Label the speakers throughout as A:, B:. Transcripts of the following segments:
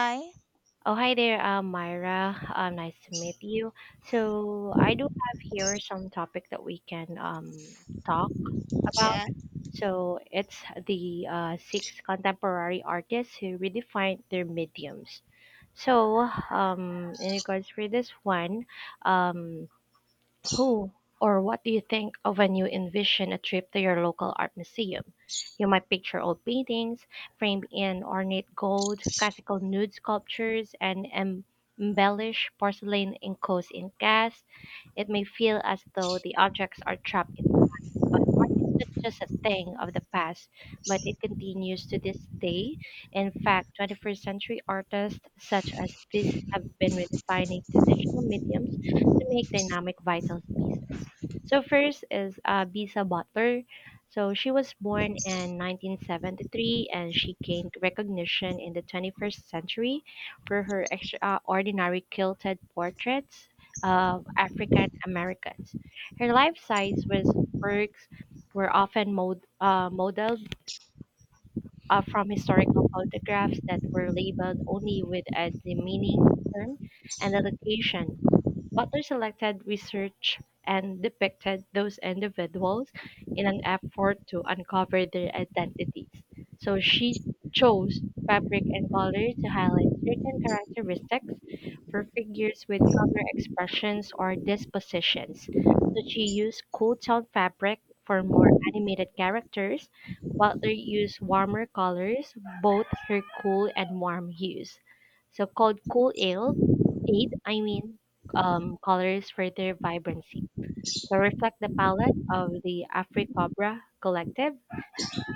A: Hi.
B: Oh, hi there, Myra. Nice to meet you. So, I do have here some topic that we can talk about.
A: Yeah.
B: So, it's the six contemporary artists who redefine their mediums. So, in regards for this one, um, who or what do you think of when you envision a trip to your local art museum? You might picture old paintings framed in ornate gold, classical nude sculptures, and embellished porcelain enclosed in glass. It may feel as though the objects are trapped in not just a thing of the past, but it continues to this day. In fact, 21st century artists such as these have been redefining traditional mediums to make dynamic vital pieces. So first is Bisa Butler. So she was born in 1973 and she gained recognition in the 21st century for her extraordinary quilted portraits of African Americans. Her life size was works were often modeled from historical photographs that were labeled only with a demeaning term and a location. Butler selected research and depicted those individuals in an effort to uncover their identities. So she chose fabric and color to highlight certain characteristics for figures with color expressions or dispositions. So she used cool tone fabric for more animated characters. Butler used warmer colors, both her cool and warm hues. So called cool aid, I mean, colors for their vibrancy. So reflect the palette of the Afri-Cobra Collective,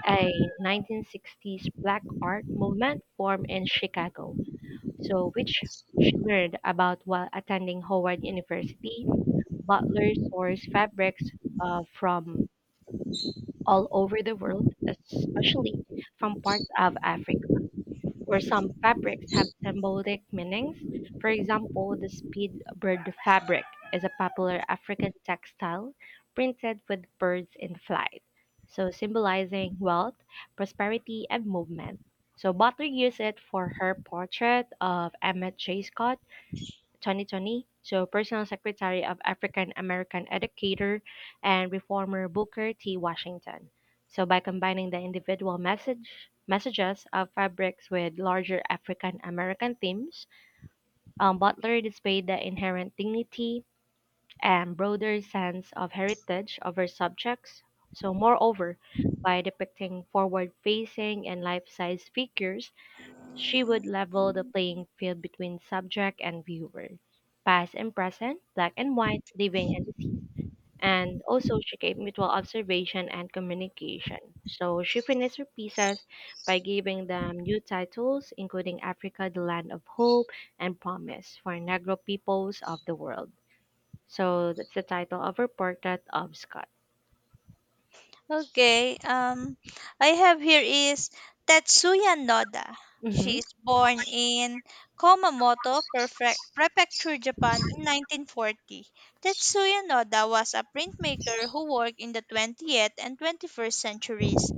B: a 1960s black art movement formed in Chicago. So which she learned about while attending Howard University. Butler sourced fabrics from all over the world, especially from parts of Africa, where some fabrics have symbolic meanings. For example, the speedbird fabric is a popular African textile printed with birds in flight, so symbolizing wealth, prosperity, and movement. So Butler used it for her portrait of Emmett J. Scott 2020. So, personal secretary of African American educator and reformer Booker T. Washington. So, by combining the individual messages of fabrics with larger African American themes, Butler displayed the inherent dignity and broader sense of heritage of her subjects. So, moreover, by depicting forward facing and life size figures, she would level the playing field between subject and viewer, past and present, black and white, living and deceased. And also, she gave mutual observation and communication. So, she finished her pieces by giving them new titles, including Africa, the Land of Hope and Promise for Negro Peoples of the World. So, that's the title of her portrait of Scott.
A: Okay. Um, I have here is Tetsuya Noda. She
B: Mhm.
A: is born in Komamoto, Prefecture, Japan in 1940. Tetsuya Noda was a printmaker who worked in the 20th and 21st centuries.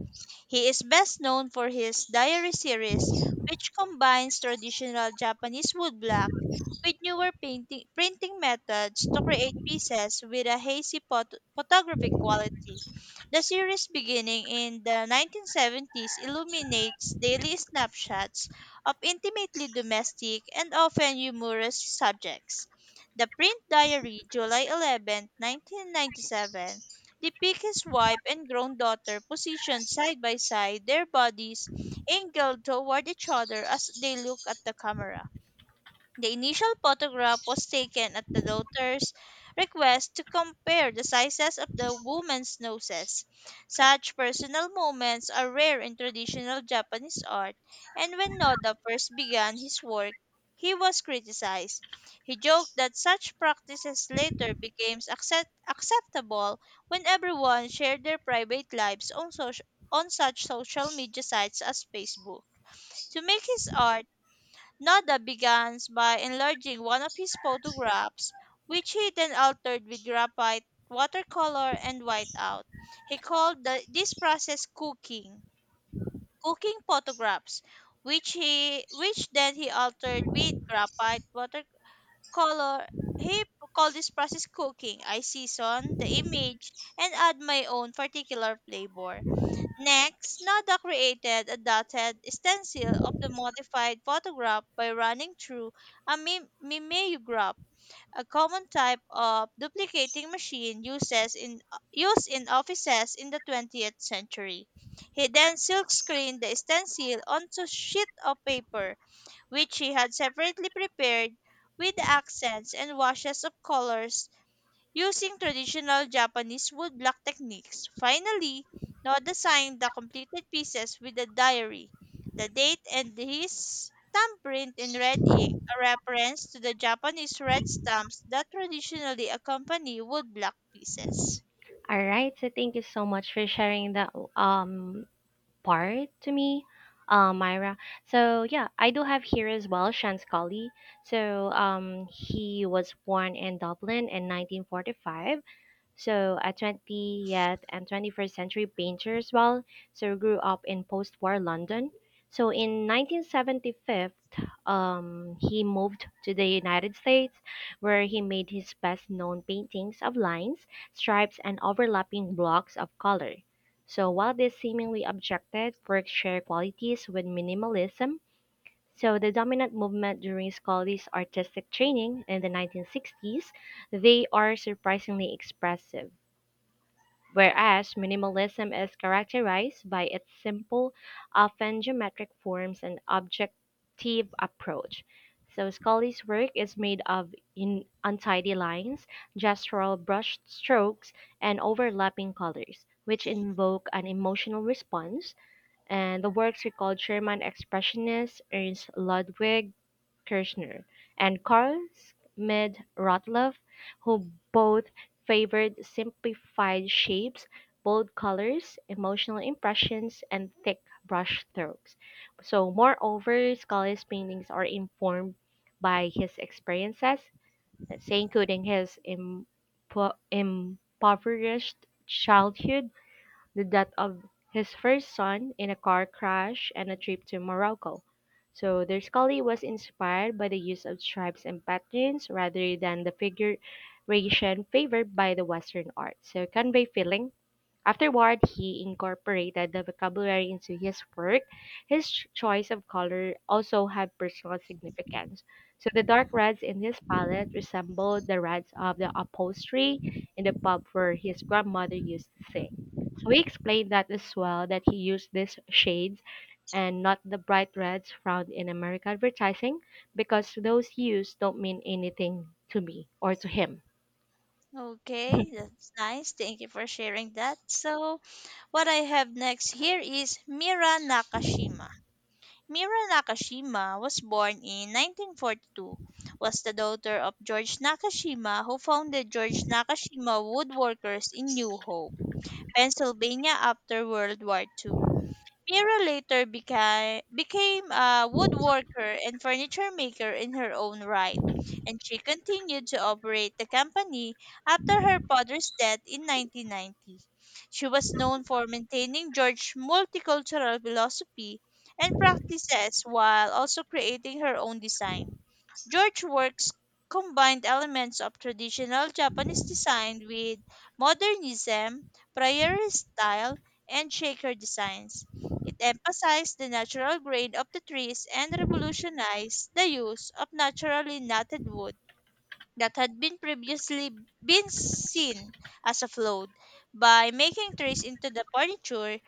A: He is best known for his diary series, which combines traditional Japanese woodblock with newer painting, printing methods to create pieces with a hazy photographic quality. The series, beginning in the 1970s, illuminates daily snapshots of intimately domestic and often humorous subjects. The Print Diary, July 11, 1997, they pick his wife and grown daughter positioned side by side, their bodies angled toward each other as they look at the camera. The initial photograph was taken at the daughter's request to compare the sizes of the woman's noses. Such personal moments are rare in traditional Japanese art, and when Noda first began his work, he was criticized. He joked that such practices later became acceptable when everyone shared their private lives on, on such social media sites as Facebook. To make his art, Noda begins by enlarging one of his photographs, which he then altered with graphite, watercolor, and whiteout. He called this process cooking, cooking photographs, which he which then he altered with graphite, watercolor. He called this process cooking. I season the image and add my own particular flavor. Next, Noda created a dotted stencil of the modified photograph by running through a mimeograph, a common type of duplicating machine used in offices in the 20th century. He then silkscreened the stencil onto sheet of paper, which he had separately prepared with accents and washes of colors using traditional Japanese woodblock techniques. Finally, Noda signed the completed pieces with a diary, the date, and his thumbprint in red ink, a reference to the Japanese red stamps that traditionally accompany woodblock pieces.
B: All right. So, thank you so much for sharing that part to me, Myra. So yeah, I do have here as well Sean Scully. So he was born in Dublin in 1945, so a 20th and 21st century painter as well. So grew up in post-war London. So in 1975, he moved to the United States, where he made his best-known paintings of lines, stripes, and overlapping blocks of color. So while these seemingly objective works share qualities with minimalism, so the dominant movement during Scotty's artistic training in the 1960s, they are surprisingly expressive. Whereas minimalism is characterized by its simple, often geometric forms and objective approach. So Scully's work is made of in untidy lines, gestural brush strokes, and overlapping colors, which invoke an emotional response. And the works we called Sherman Expressionists, Ernst Ludwig, Kirchner and Karl Schmidt Rottluff, who both favored simplified shapes, bold colors, emotional impressions, and thick brush strokes. So, moreover, Scully's paintings are informed by his experiences, let's say, including his impoverished childhood, the death of his first son in a car crash, and a trip to Morocco. So their scully was inspired by the use of stripes and patterns rather than the figuration favored by the Western art. So convey feeling. Afterward, he incorporated the vocabulary into his work. His choice of color also had personal significance. So the dark reds in his palette resembled the reds of the upholstery in the pub where his grandmother used to sing. So he explained that as well, that he used these shades and not the bright reds found in American advertising because those hues don't mean anything to me or to him.
A: Okay, that's nice. Thank you for sharing that. So, what I have next here is Mira Nakashima. Mira Nakashima was born in 1942, was the daughter of George Nakashima, who founded George Nakashima Woodworkers in New Hope, Pennsylvania after World War II. Mira later became a woodworker and furniture maker in her own right, and she continued to operate the company after her father's death in 1990. She was known for maintaining George's multicultural philosophy and practices while also creating her own design. George's works combined elements of traditional Japanese design with modernism, prayer style, and shaker designs. It emphasized the natural grain of the trees and revolutionized the use of naturally knotted wood that had been previously been seen as a flood. By making trees into the furniture,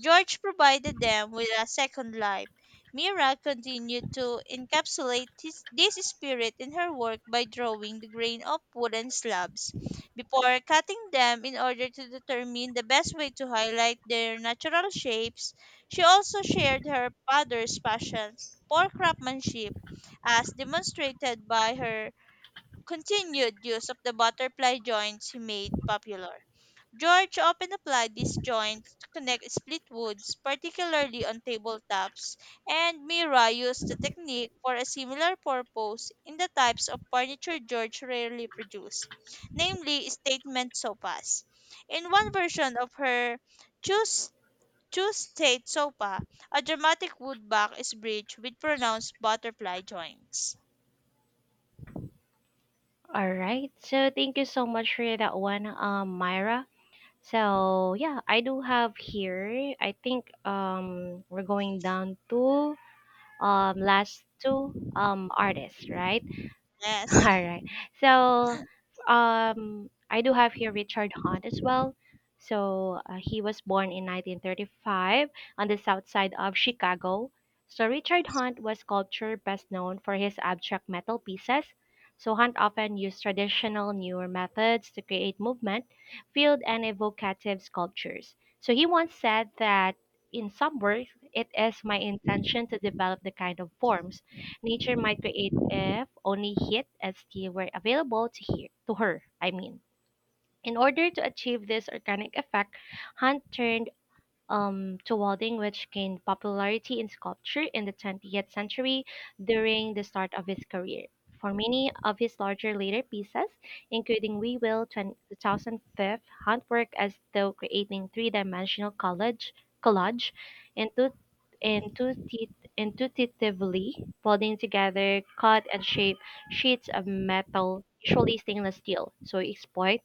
A: George provided them with a second life. Mira continued to encapsulate this spirit in her work by drawing the grain of wooden slabs before cutting them in order to determine the best way to highlight their natural shapes. She also shared her father's passion for craftsmanship, as demonstrated by her continued use of the butterfly joints he made popular. George often applied these joints to connect split woods, particularly on tabletops, and Mira used the technique for a similar purpose in the types of furniture George rarely produced, namely statement sofas. In one version of her choose choose state sofa, a dramatic wood back is bridged with pronounced butterfly joints.
B: All right. So thank you so much for that one, Myra. So yeah, I do have here. I think we're going down to last two artists, right? All
A: Yes.
B: right. So, I do have here Richard Hunt as well. So, he was born in 1935 on the south side of Chicago. So, Richard Hunt was sculpture best known for his abstract metal pieces. So, Hunt often used traditional newer methods to create movement, field, and evocative sculptures. So, he once said that in some works, it is my intention to develop the kind of forms Nature might create if only heat and steam were available to her. I mean, in order to achieve this organic effect, Hunt turned to welding, which gained popularity in sculpture in the 20th century during the start of his career. For many of his larger later pieces, including We Will 2005, Hunt worked as though creating three-dimensional collage intu- intuitive, intuitively, welding together cut and shape sheets of metal, usually stainless steel. So he exploit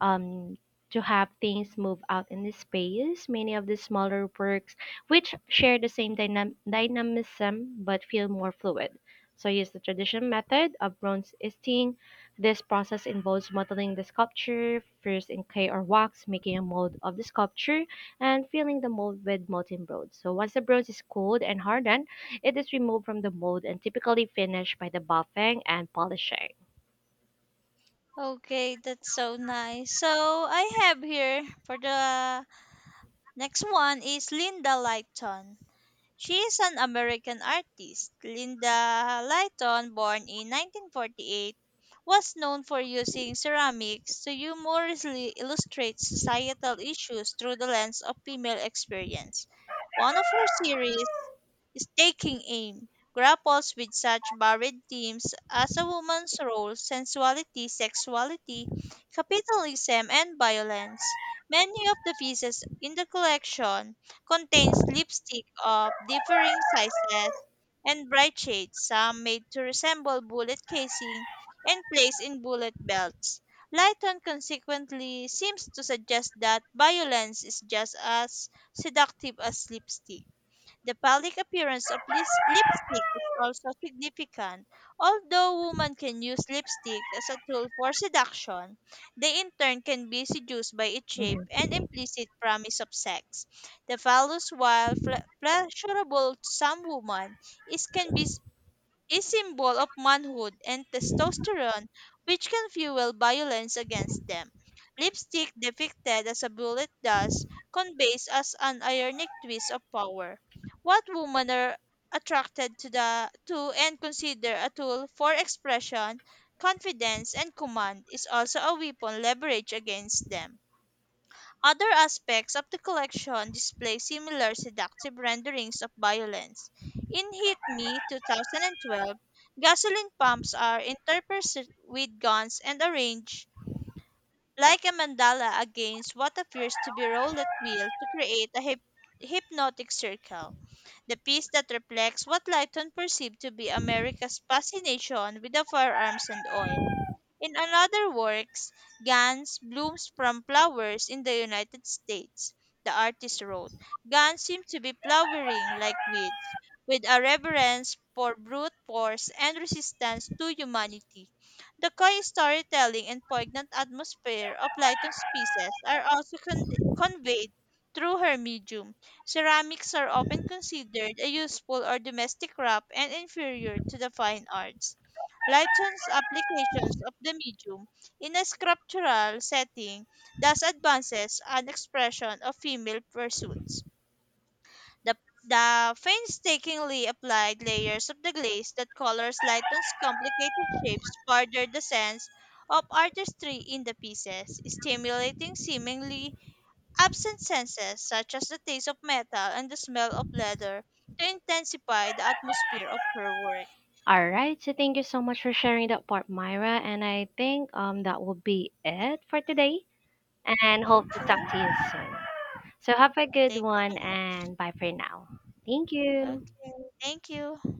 B: um, to have things move out in the space. Many of the smaller works, which share the same dynamism but feel more fluid. So, use the traditional method of bronze easting. This process involves modeling the sculpture first in clay or wax, making a mold of the sculpture, and filling the mold with molten bronze. So, once the bronze is cooled and hardened, it is removed from the mold and typically finished by the buffing and polishing.
A: Okay, that's so nice. So I have here for the next one is Linda Lighton. She is an American artist. Linda Lytton, born in 1948, was known for using ceramics to humorously illustrate societal issues through the lens of female experience. One of her series, Taking Aim, grapples with such varied themes as a woman's role, sensuality, sexuality, capitalism, and violence. Many of the pieces in the collection contains lipstick of differing sizes and bright shades, some made to resemble bullet casing and placed in bullet belts. Lighton consequently seems to suggest that violence is just as seductive as lipstick. The public appearance of lipstick is also significant. Although women can use lipstick as a tool for seduction, they in turn can be seduced by its
B: Mm-hmm.
A: shape and implicit promise of sex. The phallus, while pleasurable to some women, is can be a symbol of manhood and testosterone, which can fuel violence against them. Lipstick, depicted as a bullet, thus conveys as an ironic twist of power. What women are attracted to and consider a tool for expression, confidence, and command is also a weapon leveraged against them. Other aspects of the collection display similar seductive renderings of violence. In Hit Me 2012, gasoline pumps are interspersed with guns and arranged like a mandala against what appears to be rolled at will to create a hypnotic circle. The piece that reflects what Lighton perceived to be America's fascination with the firearms and oil. In another works, "Gans blooms from flowers in the United States," the artist wrote. Gans seem to be flowering like weeds, with a reverence for brute force and resistance to humanity. The coy storytelling and poignant atmosphere of Lighton's pieces are also conveyed through her medium. Ceramics are often considered a useful or domestic craft and inferior to the fine arts. Lightsun's applications of the medium in a sculptural setting thus advances an expression of female pursuits. The, the painstakingly applied layers of the glaze that colors Lighton's complicated shapes further the sense of artistry in the pieces, stimulating seemingly absent senses such as the taste of metal and the smell of leather to intensify the atmosphere of her work.
B: All right. So thank you so much for sharing that part, Myra. And I think that will be it for today. And hope to talk
A: Okay,
B: to you soon. So have a good
A: thank you
B: one
A: so much.
B: and bye for now. Thank you.
A: Okay. Thank you.